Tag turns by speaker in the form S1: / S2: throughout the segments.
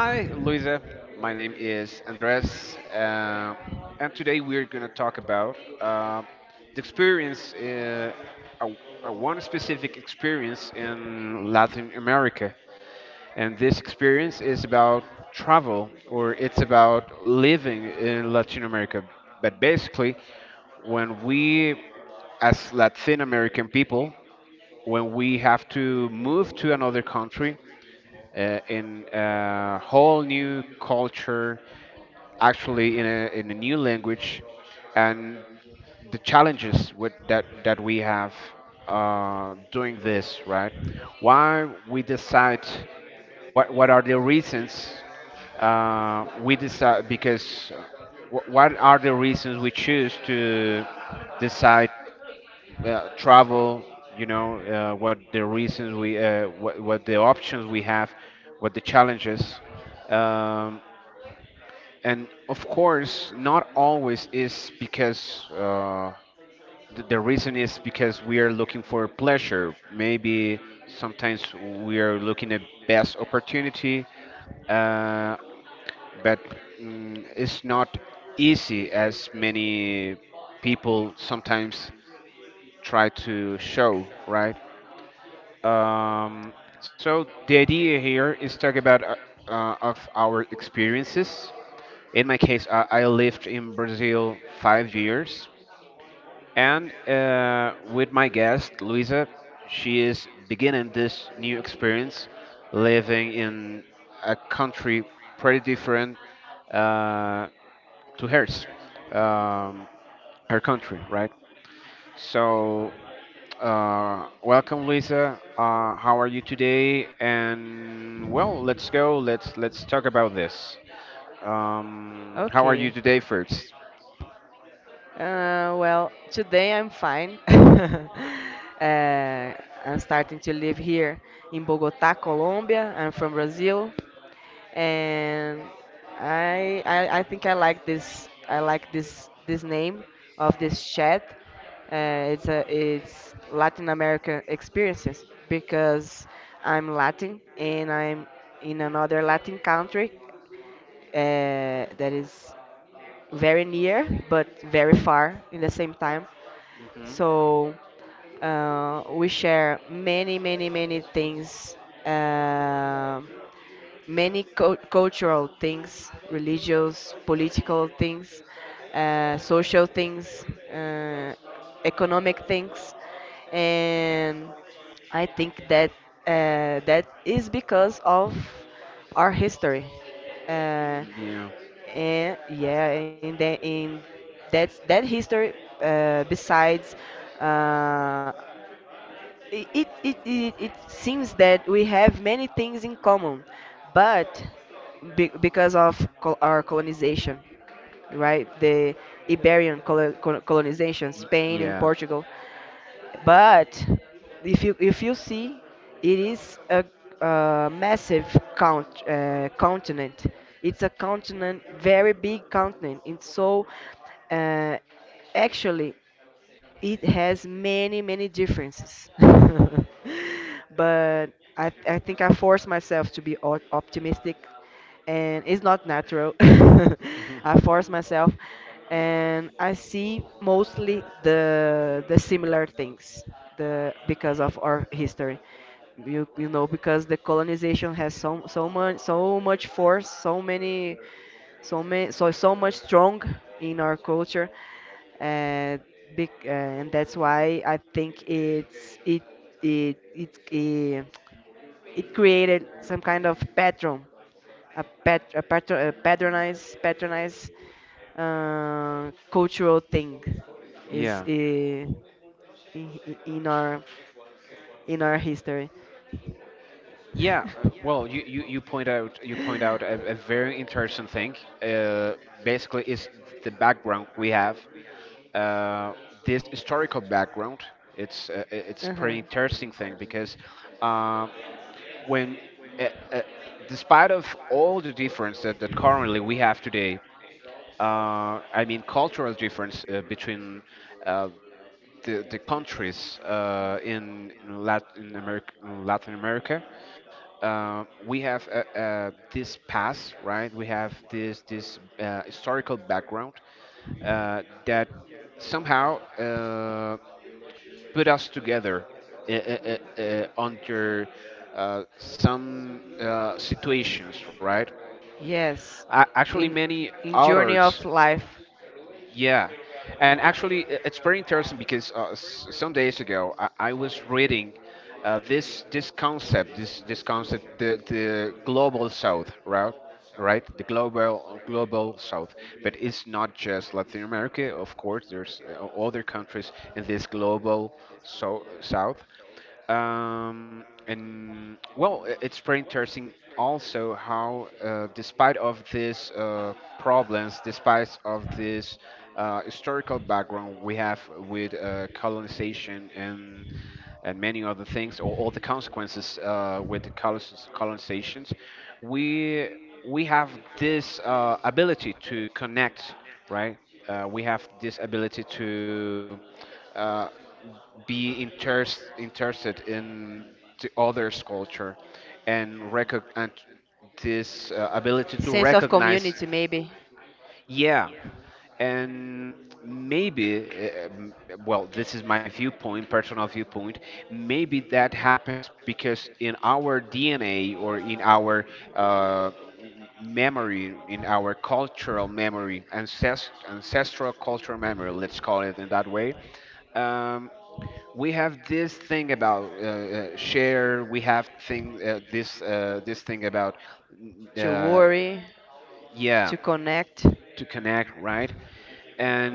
S1: Hi, Luisa. My name is Andres, and today we're going to talk about the experience, a, a one specific experience in Latin America. And this experience is about travel, or it's about living in Latin America. But basically, when we, as Latin American people, when we have to move to another country, in a whole new culture, actually in a new language, and the challenges with that we have doing this, right? Why we decide what are the reasons we decide what are the reasons we choose to decide travel, what the reasons we, what the options we have, what the challenges. Um, and of course, not always is because the reason is because we are looking for pleasure. Maybe sometimes we are looking at best opportunity, uh, but it's not easy as many people sometimes try to show, right? Um, so the idea here is talk about of our experiences. In my case, I lived in Brazil 5 years, and with my guest Luisa, she is beginning this new experience, living in a country pretty different uh, to hers, um, her country, right? So, welcome, Luisa. How are you today? And well, let's go. Let's talk about this.
S2: Ok.
S1: How are you today first?
S2: Well, today I'm fine. Uh, I'm starting to live here in Bogota, Colombia. I'm from Brazil, and I think I like this name of this chat. It's Latin America experiences because I'm Latin and I'm in another Latin country that is very near but very far in the same time.
S1: Hmm.
S2: So we share many, many, many things. Many cultural things, religious, political things, social things, uh, economic things, and I think that that is because of our history. Uh,
S1: Yeah.
S2: and yeah, in the in that that history, besides, uh, it seems that we have many things in common, but be, because of col our colonization, right? The Iberian colonization,
S1: Y-
S2: Spain and
S1: yeah.
S2: Portugal. But if you see, it is a massive continent. It's a continent, very big continent. It's so, uh, actually it has many differences. But I think I force myself to be optimistic, and it's not natural.
S1: Mhm.
S2: I force myself and I see mostly the similar things, the because of our history. Because the colonization has so much force, so many so many so so much strong in our culture, uh, big. And that's why I think it's it it it it, it created some kind of pattern, a patronized cultural thing is,
S1: Yeah.
S2: in in our in our history.
S1: Yeah, well, you point out a very interesting thing. Uh, basically, is the background we have. Uh, this historical background. It's pretty
S2: Uh-huh.
S1: interesting thing because um, when uh, uh, despite of all the difference that currently we have today, I mean cultural difference between uh, the countries in Latin America, we have this past, right? We have this historical background that somehow put us together under some situations, right? A-
S2: Yes,
S1: actually, many
S2: in journey
S1: authors.
S2: of life,
S1: Yeah. And actually, it's very interesting because some days ago I was reading this concept, this concept, the global south, right? Right, the global south, but it's not just Latin America. Of course, there's other countries in this global so south, and well, it's pretty interesting also how, despite of these problems, despite of this historical background we have with colonization and many other things, or all the consequences with the colonizations, we we have this ability to connect, right? We have this ability to uh, be interested in the others' culture, and, this ability to
S2: sense of
S1: recognize,
S2: community maybe.
S1: yeah, and maybe, uh, um, well, this is my viewpoint, personal viewpoint. Maybe that happens because in our DNA or in our uh, memory, in our cultural memory, ancestral cultural memory, let's call it in that way, um, we have this thing about share. We have thing this thing about, mm,
S2: To
S1: uh,
S2: worry,
S1: yeah,
S2: to connect.
S1: to connect, right?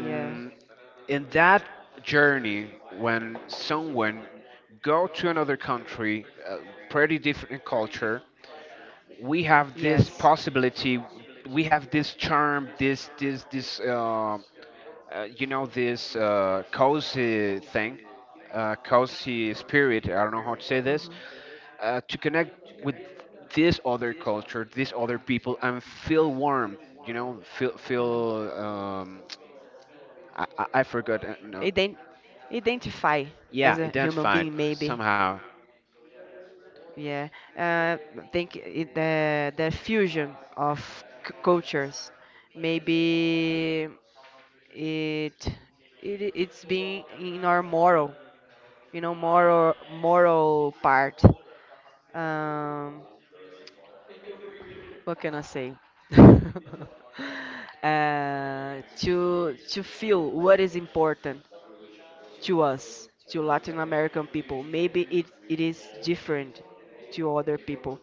S2: Yeah.
S1: in that journey, when someone go to another country, a pretty different culture, we have
S2: Yes.
S1: this possibility, we have this charm, this cozy thing, cozy spirit. I don't know how to
S2: Mhm.
S1: say this. To connect with this other culture, these other people, and feel warm. You know, feel feel. I forgot. No,
S2: Ident- Identify as a
S1: yeah,
S2: human being,
S1: identified
S2: maybe.
S1: somehow.
S2: Yeah. I think it, the fusion of cultures, maybe. it it's being in our moral you know moral moral part. um what can I say? To feel what is important to us, to latin american people, maybe it is different to other people.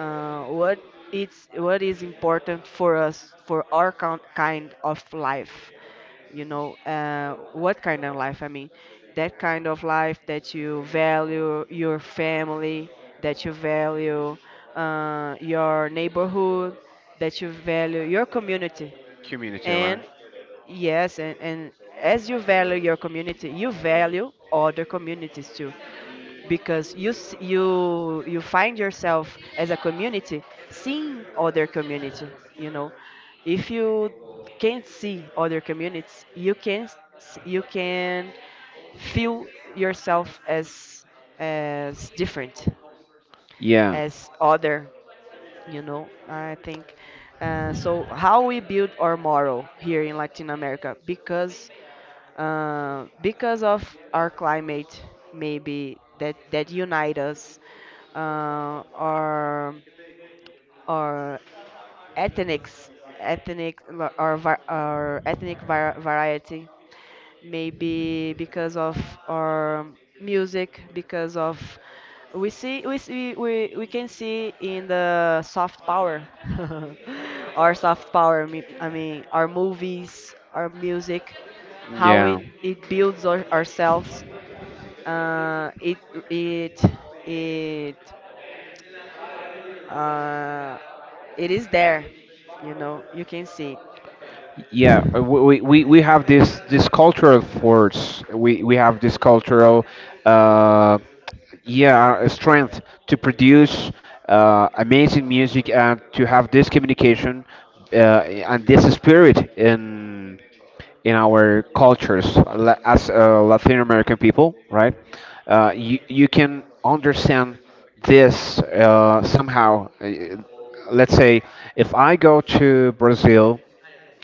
S2: Uh, what what is important for us, for our coun kind of life, what kind of life? I mean, that kind of life that you value your family, that you value your neighborhood, that you value your community,
S1: Community, right?
S2: and yes, and as you value your community, you value other communities too, because you find yourself as a community seeing other community. you know if you can't see other communities, you can s- you can feel yourself as different,
S1: Yeah,
S2: as other. I think, so how we build our moral here in latin america, because of our climate, maybe that that unite us, uh, our our ethnics, ethnic, our ethnic variety, maybe because of our music, because of we can see in the soft power. Our soft power, I mean our movies, our music, how
S1: yeah.
S2: it builds ourselves. uh, it it it uh, it is there, you can see.
S1: Yeah,
S2: It.
S1: we have this cultural force. We have this cultural uh, yeah strength to produce amazing music and to have this communication and this spirit in our cultures as Latin American people, right? You can understand this somehow. Let's say if I go to Brazil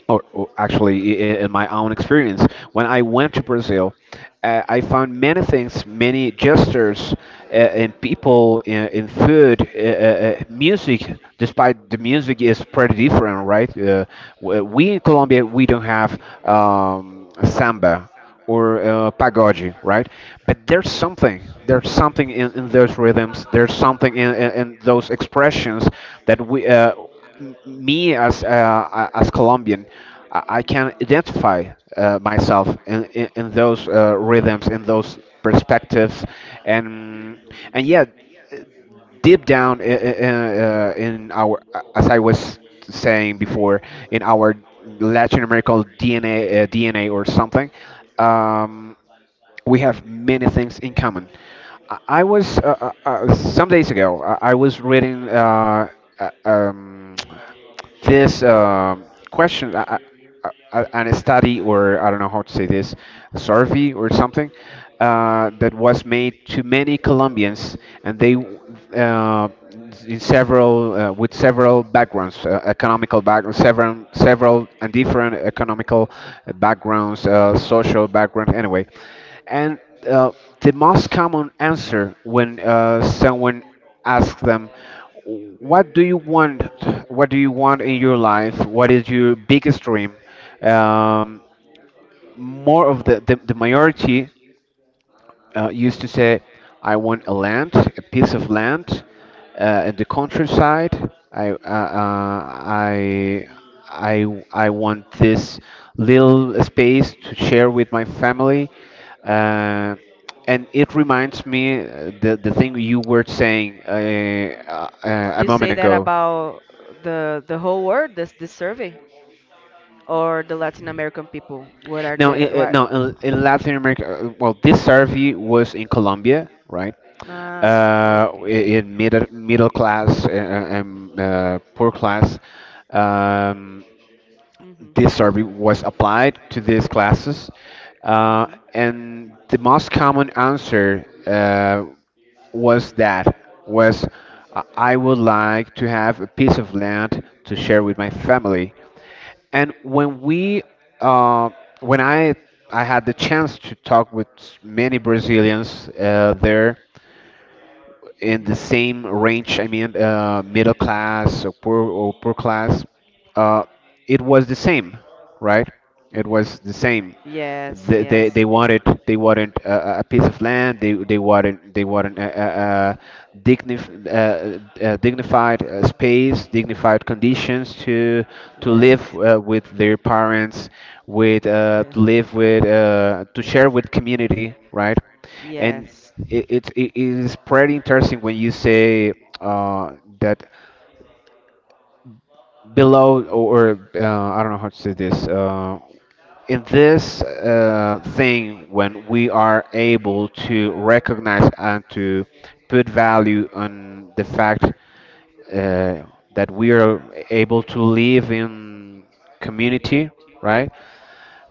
S1: or actually in my own experience when I went to Brazil, I found many things, many gestures uh, in people, in food, music, despite the music is pretty different, right? We in Colombia we don't have samba or pagode, right? But there's something in those rhythms, there's something in those expressions that we, me as as Colombian, I can identify myself in those rhythms, in those perspectives, and yeah, deep down in our, as I was saying before, in our Latin American DNA, DNA or something, um, we have many things in common. I was some days ago. I was reading uh, um, this question and a study or I don't know how to say this, a survey or something that was made to many Colombians, and they uh, in several with several backgrounds, economical backgrounds, several several and different economical backgrounds, social background, anyway. And uh, the most common answer when someone ask them, what do you want what do you want, in your life, what is your biggest dream? um, more of the, the majority used to say, "I want a land, a piece of land, in the countryside. I, I, I want this little space to share with my family." Uh, and it reminds me the thing you were saying
S2: You
S1: a
S2: say
S1: moment
S2: that
S1: ago.
S2: about the whole world, this survey, or the Latin American people? What are
S1: No,
S2: the
S1: i i-
S2: what?
S1: no, in Latin America. Well, this survey was in Colombia, right?
S2: Ah, okay.
S1: In middle class, poor class. Um,
S2: Mhm.
S1: this survey was applied to these classes, uh,
S2: Mhm.
S1: and the most common answer was that was I would like to have a piece of land to share with my family. And when we, uh, when I had the chance to talk with many Brazilians there, in the
S2: Mhm.
S1: same range, I mean, middle
S2: Mhm.
S1: class or poor class, uh, it was the same, right? It
S2: Mhm.
S1: was the same.
S2: Yes,
S1: They
S2: yes.
S1: wanted, a, a piece of land. They wanted, a dignif dignified space, dignified conditions to
S2: Yes.
S1: live with their parents, with
S2: Yeah.
S1: to live with to share with community, right? And
S2: Yes.
S1: it's it is pretty interesting when you say uh, that below, or, I don't know how to say this, in this thing, when we are able to recognize and to put value on the fact uh, that we are able to live in community, right?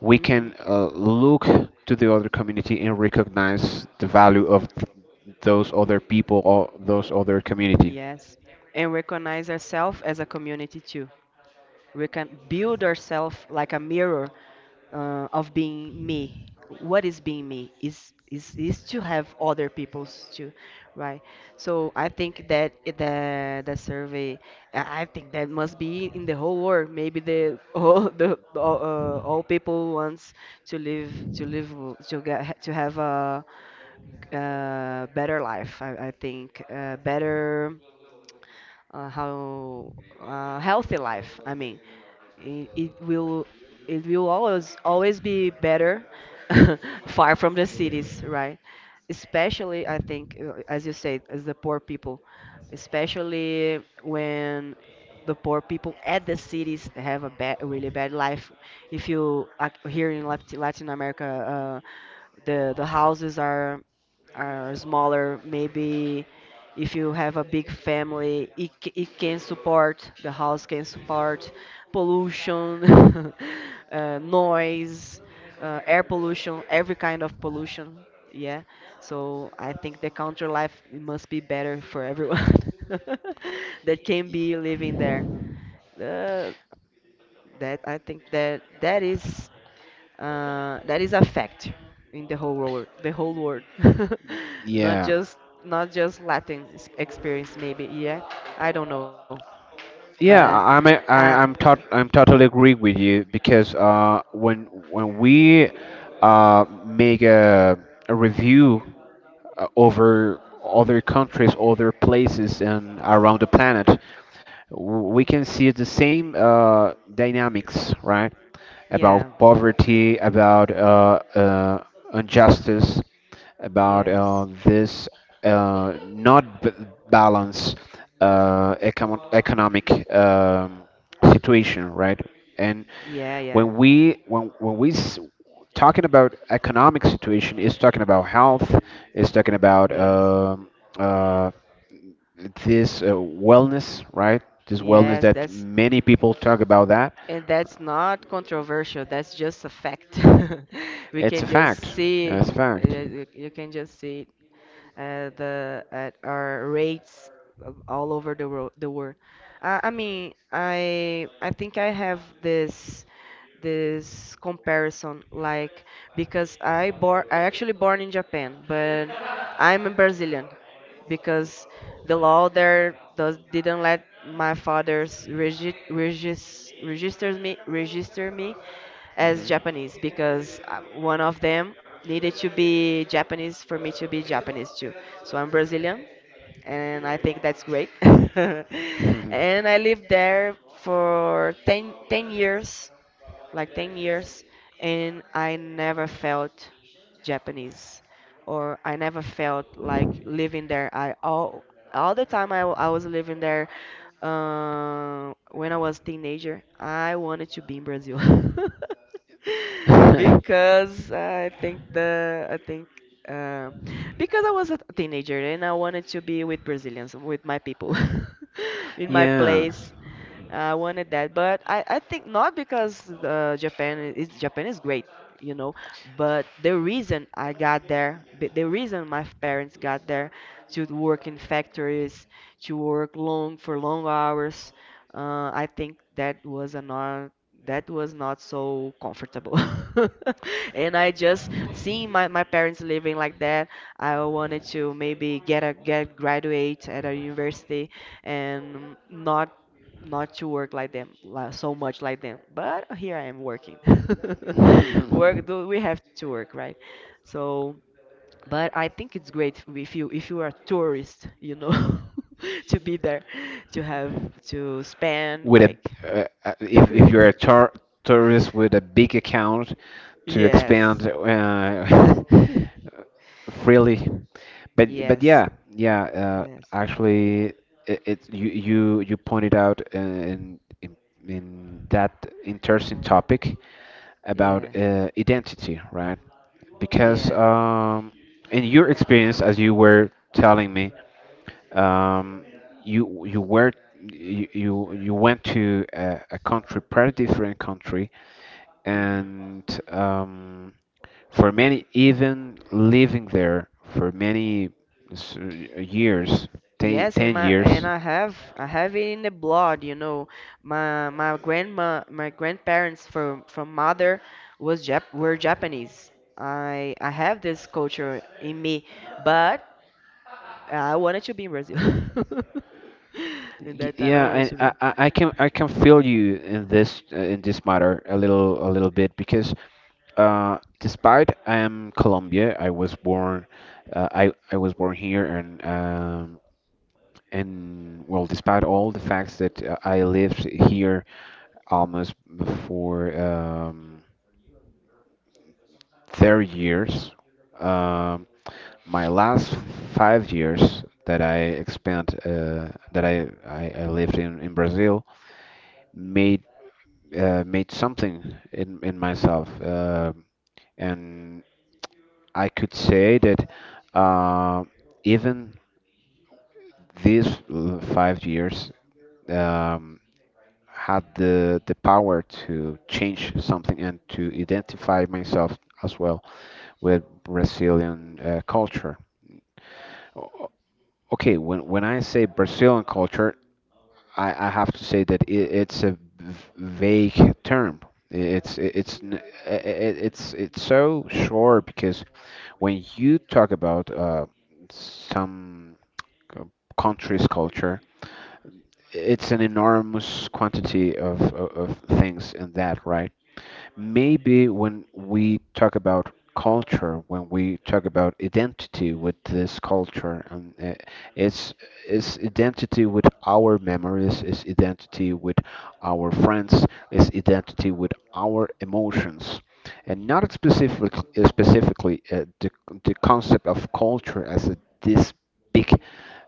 S1: We can look to the other community and recognize the
S2: Mhm.
S1: value of those other people or those other community.
S2: Yes, and recognize ourselves as a community too. We can build ourselves like a mirror, of being me. What is being me? Is to have other people's too, right? So I think that the survey, I think that must be in the whole world. Maybe the all people wants to live to live to get to have a better life. I think, better, how healthy life. I mean, it, it will it will always be better far from the cities, right? Especially, I think, as you said, as the poor people, especially when the poor people at the cities have a bad, a really bad life. If you like, here in Latin America, the houses are smaller. Maybe if you have a big family, it can support, the house can support pollution. Noise, air pollution, every kind of pollution. Yeah. So I think the country life must be better for everyone that can be living there. uh, that I think that is a fact in the whole world. The whole world. Not
S1: Yeah.
S2: just, latin experience maybe. Yeah, I don't know, but.
S1: Yeah, I, I'm a,
S2: uh,
S1: I, I'm tot, I'm totally agree with you because when we make a review over other countries, other places, and around the planet. We
S2: mhm.
S1: can see the same dynamics, right?
S2: Yeah.
S1: About poverty, about injustice, about
S2: Yes.
S1: this not balance, economic. Situation, right? And
S2: Yeah. Yeah.
S1: when we s- talking about economic situation, is talking about health, is talking about
S2: Yes.
S1: uh, this wellness, right? This wellness
S2: Yes.
S1: that many people talk about that.
S2: That's not controversial. That's just a fact. We
S1: It's
S2: can
S1: a
S2: just
S1: fact. Yeah,
S2: see.
S1: it's a fact.
S2: You can just see, the at our rates of all over the world. The world. I mean, I think I have this comparison, like, because I born I actually born in Japan, but I'm a Brazilian, because the law there does didn't let my father's register me as Japanese, because one of them needed to be Japanese for me to be Japanese too. So I'm Brazilian, and I think that's great.
S1: Mhm.
S2: And I lived there for 10 years, like 10 years, and I never felt Japanese, or I never felt like living there. I all the time I was living there, when I was teenager, I wanted to be in Brazil. because I think the I think uh, because I was a teenager and I wanted to be with Brazilians, with my people, in my
S1: yeah.
S2: place. I wanted that, but I think, not because Japan is great, you know, but the reason I got there, the reason my parents got there to work in factories, to work long for long hours, I think that was not so comfortable. And I just seeing my parents living like that, I wanted to maybe get a get graduate at a university, and not to work like them, so much like them. But here I am working.
S1: That's-
S2: Work. Do we have to work, right? So, but I think it's great, if you are a tourist, you know. To be there, to have, to spend,
S1: with a
S2: like.
S1: if you're a tourist with a big account to
S2: Yes.
S1: expand freely. But
S2: yes.
S1: yeah, yeah.
S2: Yes.
S1: Actually, it you pointed out in that interesting topic about
S2: Yeah.
S1: identity, right? Because
S2: Yeah.
S1: in your experience, as you were telling me, um, you you were you you, you went to a country, pretty different country,
S2: Hmm.
S1: and for many, even living there for many s- years, ten
S2: Yes, and
S1: ten
S2: my and
S1: years.
S2: I have it in the blood, you know. My grandma my grandparents from mother was Jap were Japanese. I have this culture in me, but I wanted to be in Brazil. In
S1: Y-
S2: that time,
S1: Yeah,
S2: I wanted
S1: and
S2: to be.
S1: I can feel you in this matter a little bit because despite I am Colombia, I was born I was born here and and well, despite all the facts that I lived here almost for 30 years, um, my last 5 years that I spent that I lived in Brazil made made something in myself. And I could say that uh, even these 5 years. Um, had the power to change something and to identify myself as well with Brazilian culture. O- Okay, when I say Brazilian culture, I have to say that it's a vague term. It's n- I- it's so short because when you talk about some c- country's culture, it's an enormous quantity of things in that, right? Maybe when we talk about culture, when we talk about identity with this culture, and it's it's identity with our memories, it's identity with our friends, it's identity with our emotions, and not specific, specifically the concept of culture as a this big,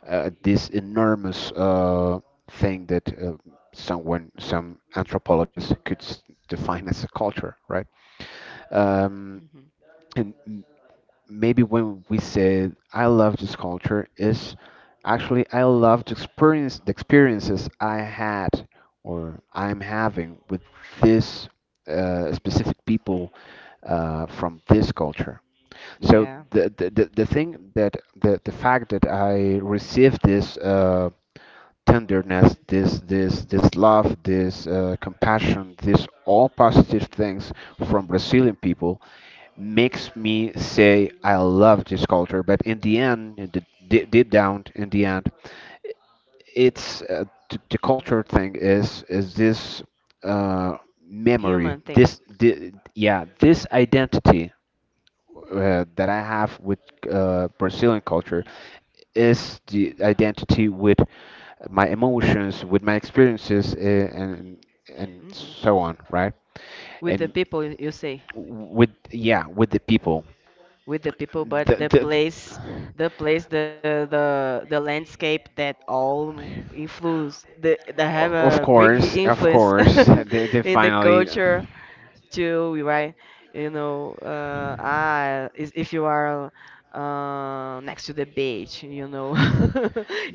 S1: this enormous thing that some anthropologists could define as a culture, right? Um,
S2: Hmm.
S1: and m- Maybe when we say I love this culture is actually I love to experience the experiences I had or I'm having with this specific people from this culture. So
S2: Yeah,
S1: the thing that the fact that I received this tenderness, this love, this compassion, this all positive things from Brazilian people makes me say I love this culture. But in the end, deep, deep down, in the end, the culture thing is this uh, memory,
S2: human thing.
S1: this identity that I have with Brazilian culture is the identity with my emotions, with my experiences, and so
S2: Hmm.
S1: on, right? And
S2: With the people, you say.
S1: with the people.
S2: With the people,
S1: The,
S2: but the place,
S1: the,
S2: the landscape, that all influence, the that have
S1: o-
S2: a big
S1: of
S2: influence
S1: course, they
S2: in the
S1: finally.
S2: culture, to, right? Is, if you are next to the beach.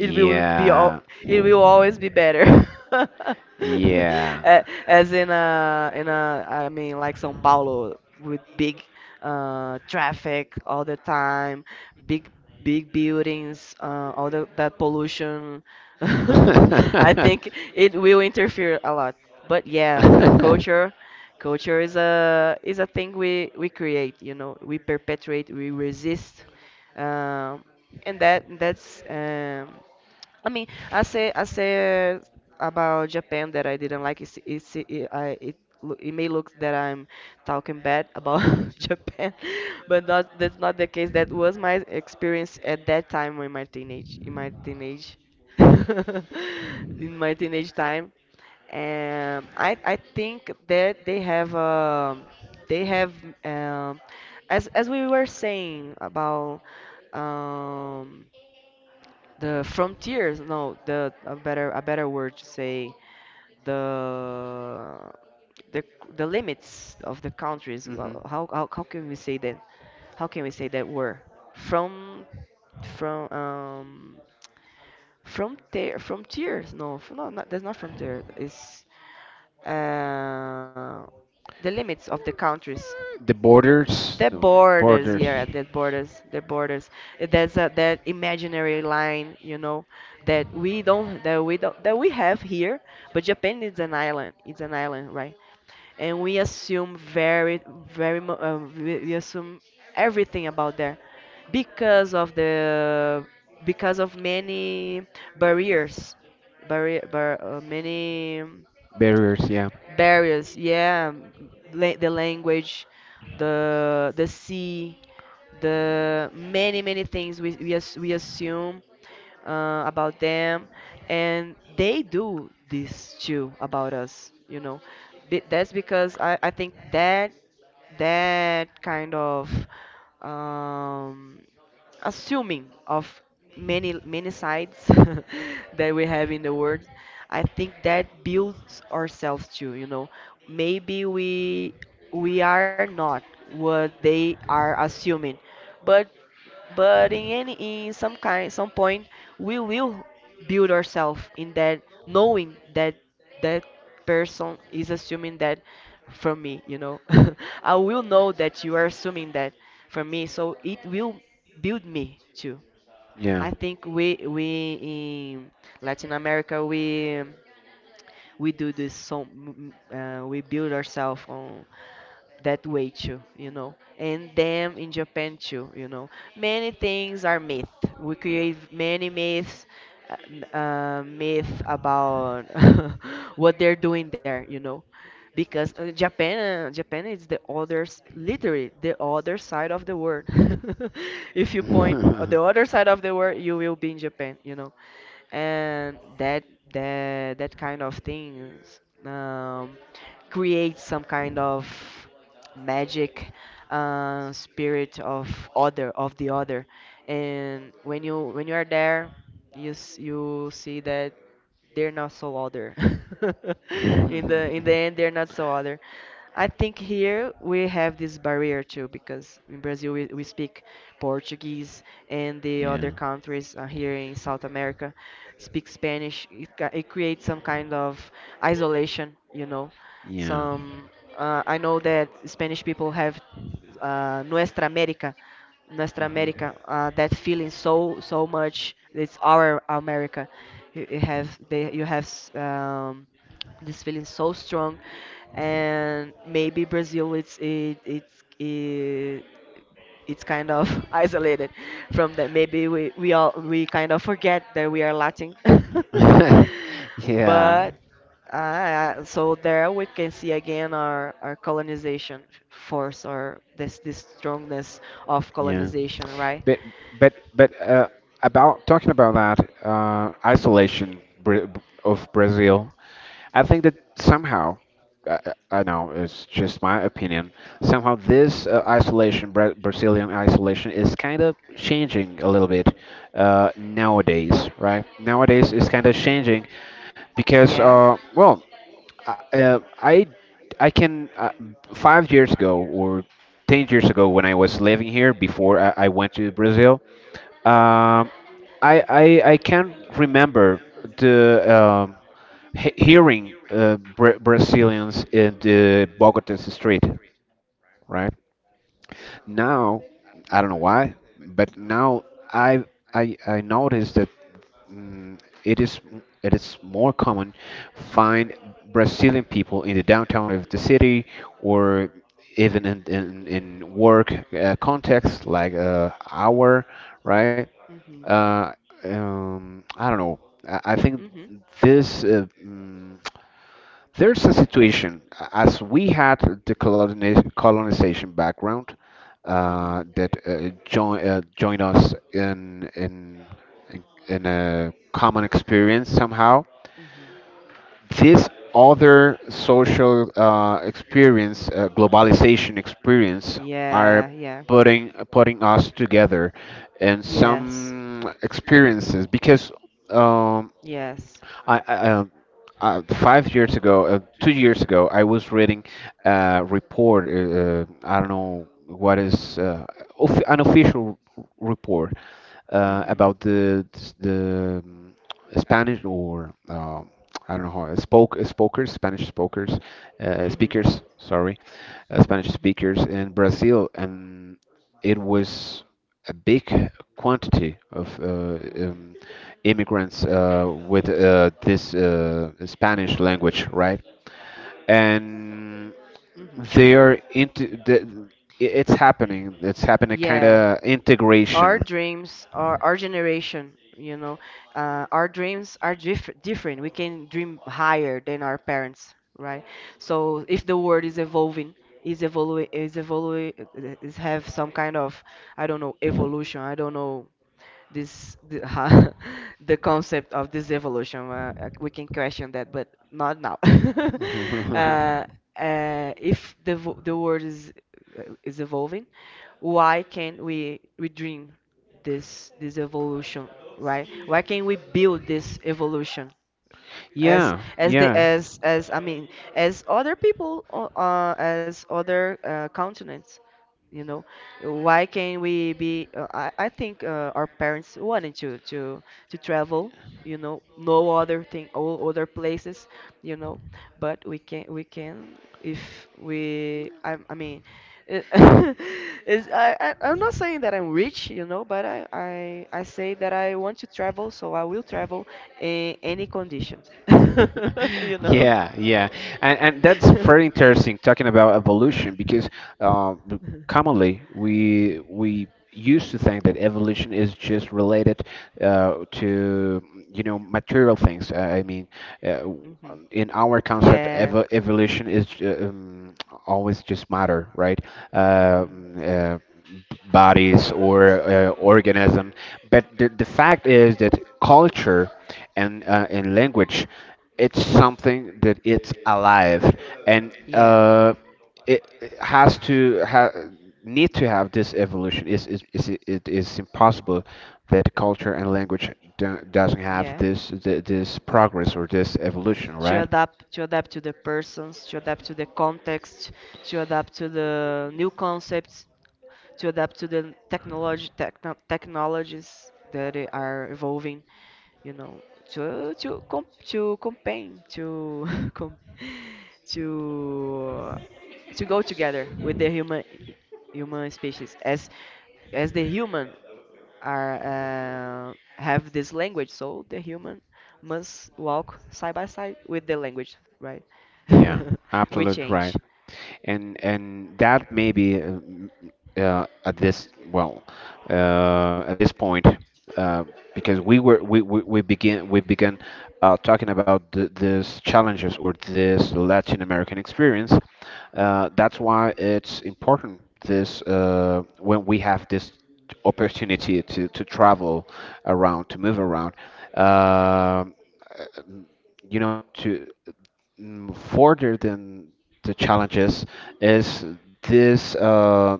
S2: it will be all it will always be better.
S1: yeah.
S2: A- as in a I mean, like Sao Paulo, with big traffic all the time, big buildings, that pollution. I
S1: Hmm.
S2: think it will interfere a lot. But yeah, culture. Culture is a thing we create, you know, we perpetuate, we resist, um, and that's. I mean, I said about Japan that I didn't like. It's, it, I, it, loo- it may look that I'm talking bad about Japan. But not, that's not the case. That was my experience at that time, in my teenage, in my teenage time. And I think that they have, they have. um as we were saying about, um the frontiers — no, the — a better word to say, the — the the limits of the countries. How can we say that, how can we say that word, from from, frontier, frontiers, no, not, that's not frontier. It's uh the limits of the countries. The
S1: The
S2: borders,
S1: borders,
S2: yeah, the borders, the borders. There's a that imaginary line, you know, that we don't, that we don't, that we have here. But Japan is an island. It's an island, right? And we assume very, very, we assume everything about there because of the, because of many barriers, many
S1: barriers, yeah,
S2: barriers, yeah. The language, the sea, the many many things we assume about them. And they do this too about us, you know. That's because I think that that kind of um, assuming of many many sides that we have in the world, I think that builds ourselves too, you know. Maybe we are not what they are assuming, but in some kind, some point, we will build ourselves in that, knowing that that person is assuming that from me, you know. I will know that you are assuming that from me, so it will build me too. I
S1: yeah.
S2: think we in Latin America, we do this. So we build ourselves on that way too, you know. And them in Japan too, you know, many things are myth. We create many myths. Myth about what they're doing there, you know. Because Japan is the other literally the other side of the world. If you point the other side of the world, you will be in Japan, you know. And that kind of things creates some kind of magic, spirit of other of the other. And when you are there, you see that they're not so other. In the end, they're not so other. I think here we have this barrier too, because in Brazil we speak Portuguese, and the other
S1: Yeah,
S2: countries here in South America speak Spanish. It creates some kind of isolation, you know.
S1: yeah.
S2: Some I know that Spanish people have uh, nuestra América,
S1: Hmm.
S2: That feeling so so much. It's our America. You have they, you have s- this feeling so strong, and maybe Brazil it's kind of isolated from that. Maybe we kind of forget that we are Latin.
S1: Yeah.
S2: But so there we can see again our colonization force, or this strongness of
S1: Yeah.
S2: colonization, right?
S1: But but about talking about that isolation, of Brazil, I think that somehow, I, I know it's just my opinion, somehow this isolation, Brazilian isolation, is kind of changing a little bit nowadays, right? Nowadays, it's kind of
S2: Hmm.
S1: changing
S2: Yeah.
S1: because, uh, uh, I I can 5 years ago or 10 years ago when I was living here before I went to Brazil. Um, I can remember the um, he hearing Brazilians in the Bogota street, right? Now I don't know why, but now I I noticed that it is, it is more common find Brazilian people in the downtown of the city or even in work context like our right.
S2: Hmm.
S1: uh, I don't know, I think
S2: Hmm.
S1: this there's a situation, as we had the colonization background
S2: Hmm.
S1: that joined us in a common experience somehow.
S2: Hmm.
S1: This other social experience, globalization experience, are
S2: Yeah, yeah.
S1: putting us together in some experiences because um,
S2: Yes.
S1: I 5 years ago, 2 years ago, I was reading a report. I don't know what is an official report
S2: Mm-hmm.
S1: about the Spanish or I don't know how spoke spokers Spanish speakers
S2: Mm-hmm.
S1: speakers sorry Spanish
S2: Hmm.
S1: speakers in Brazil, and it was a big quantity of immigrants with this Spanish language, right? And
S2: Hmm. Hmm.
S1: they are into the, it's happening. It's happening kind
S2: Yeah.
S1: of
S2: Our
S1: integration.
S2: dreams are our generation, you know. Our dreams are different. We can dream higher than our parents, right? So if the world is evolving, is evolving, is evolving, is have some kind of, I don't know, evolution. I don't know ha the concept of this evolution. We can question that, but not now. uh, if the vo- the world is evolving, why can't we dream this evolution, right? Why can't we build this evolution?
S1: Yeah,
S2: As the
S1: yeah.
S2: as I mean as other people as other continents, you know. Why can't we be uh, I think our parents wanted to travel, you know, no other thing, all other places, you know. But we can, if we, I mean, it, is I I'm not saying that I'm rich, you know, but I say that I want to travel, so I will travel in any conditions, you know.
S1: Yeah, yeah, and that's very interesting talking about evolution because um, the- commonly we used to think that evolution is just related to you know material things. I mean, uh,
S2: Mhm.
S1: in our concept,
S2: Yeah.
S1: evolution is always just matter, right? uh,
S2: Mhm.
S1: uh, Bodies or organism. But the fact is that culture and language, it's something that it's alive and
S2: Yeah.
S1: it, it need to have this evolution. Is it is impossible that culture and language doesn't have
S2: Yeah,
S1: this this progress or this evolution,
S2: to
S1: right?
S2: adapt, to adapt to the persons, to adapt to the context, to adapt to the new concepts, to adapt to the technology, technologies that are evolving. You know, to com to campaign to com to to go together with the human, human species, as the human are have this language, so the human must walk side by side with the language, right?
S1: Yeah,
S2: We
S1: absolutely right.
S2: change.
S1: And that maybe uh, at this well at this point uh, because we were we begin we began talking about th these challenges or this Latin American experience. That's why it's important this when we have this opportunity to travel around, to move around. Uh, you know, to further than the challenges is this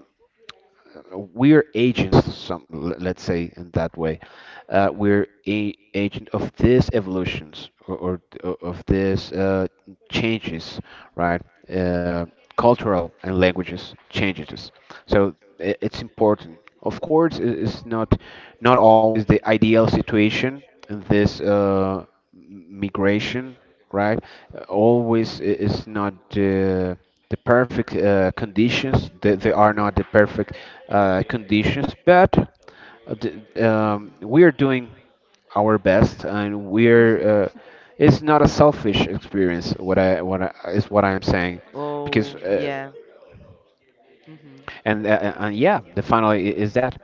S1: we're agents, some let's say in that way we're a agent of these evolutions, or, of these changes, right? uh, Cultural and languages changes, so it's important. Of course, it's not not always the ideal situation in this migration, right?
S2: Mhm.
S1: Always it's not the the perfect conditions. They are not the perfect conditions, but we are doing our best, and
S2: Mhm. Mhm.
S1: we're. It's not a selfish experience. Is what I'm saying,
S2: Oh,
S1: because.
S2: yeah. Mhm.
S1: And Yeah, the final is that.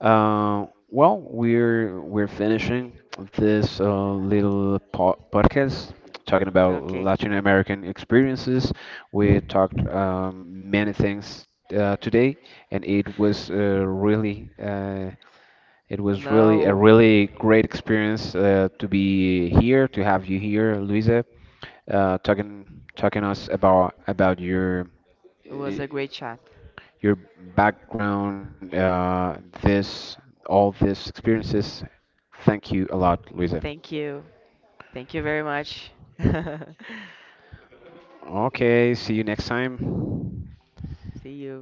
S1: Well, we're finishing this little po podcast talking about
S2: Okay.
S1: Latin American experiences. We talked many things today, and it was really it was really a
S2: Now,
S1: really great experience to be here, to have you here, Luisa, talking us about
S2: it was
S1: uh,
S2: a great chat.
S1: your background, this, all these experiences. Thank you a lot, Luisa.
S2: Thank you. Thank you very much.
S1: Okay, see you next time.
S2: See you.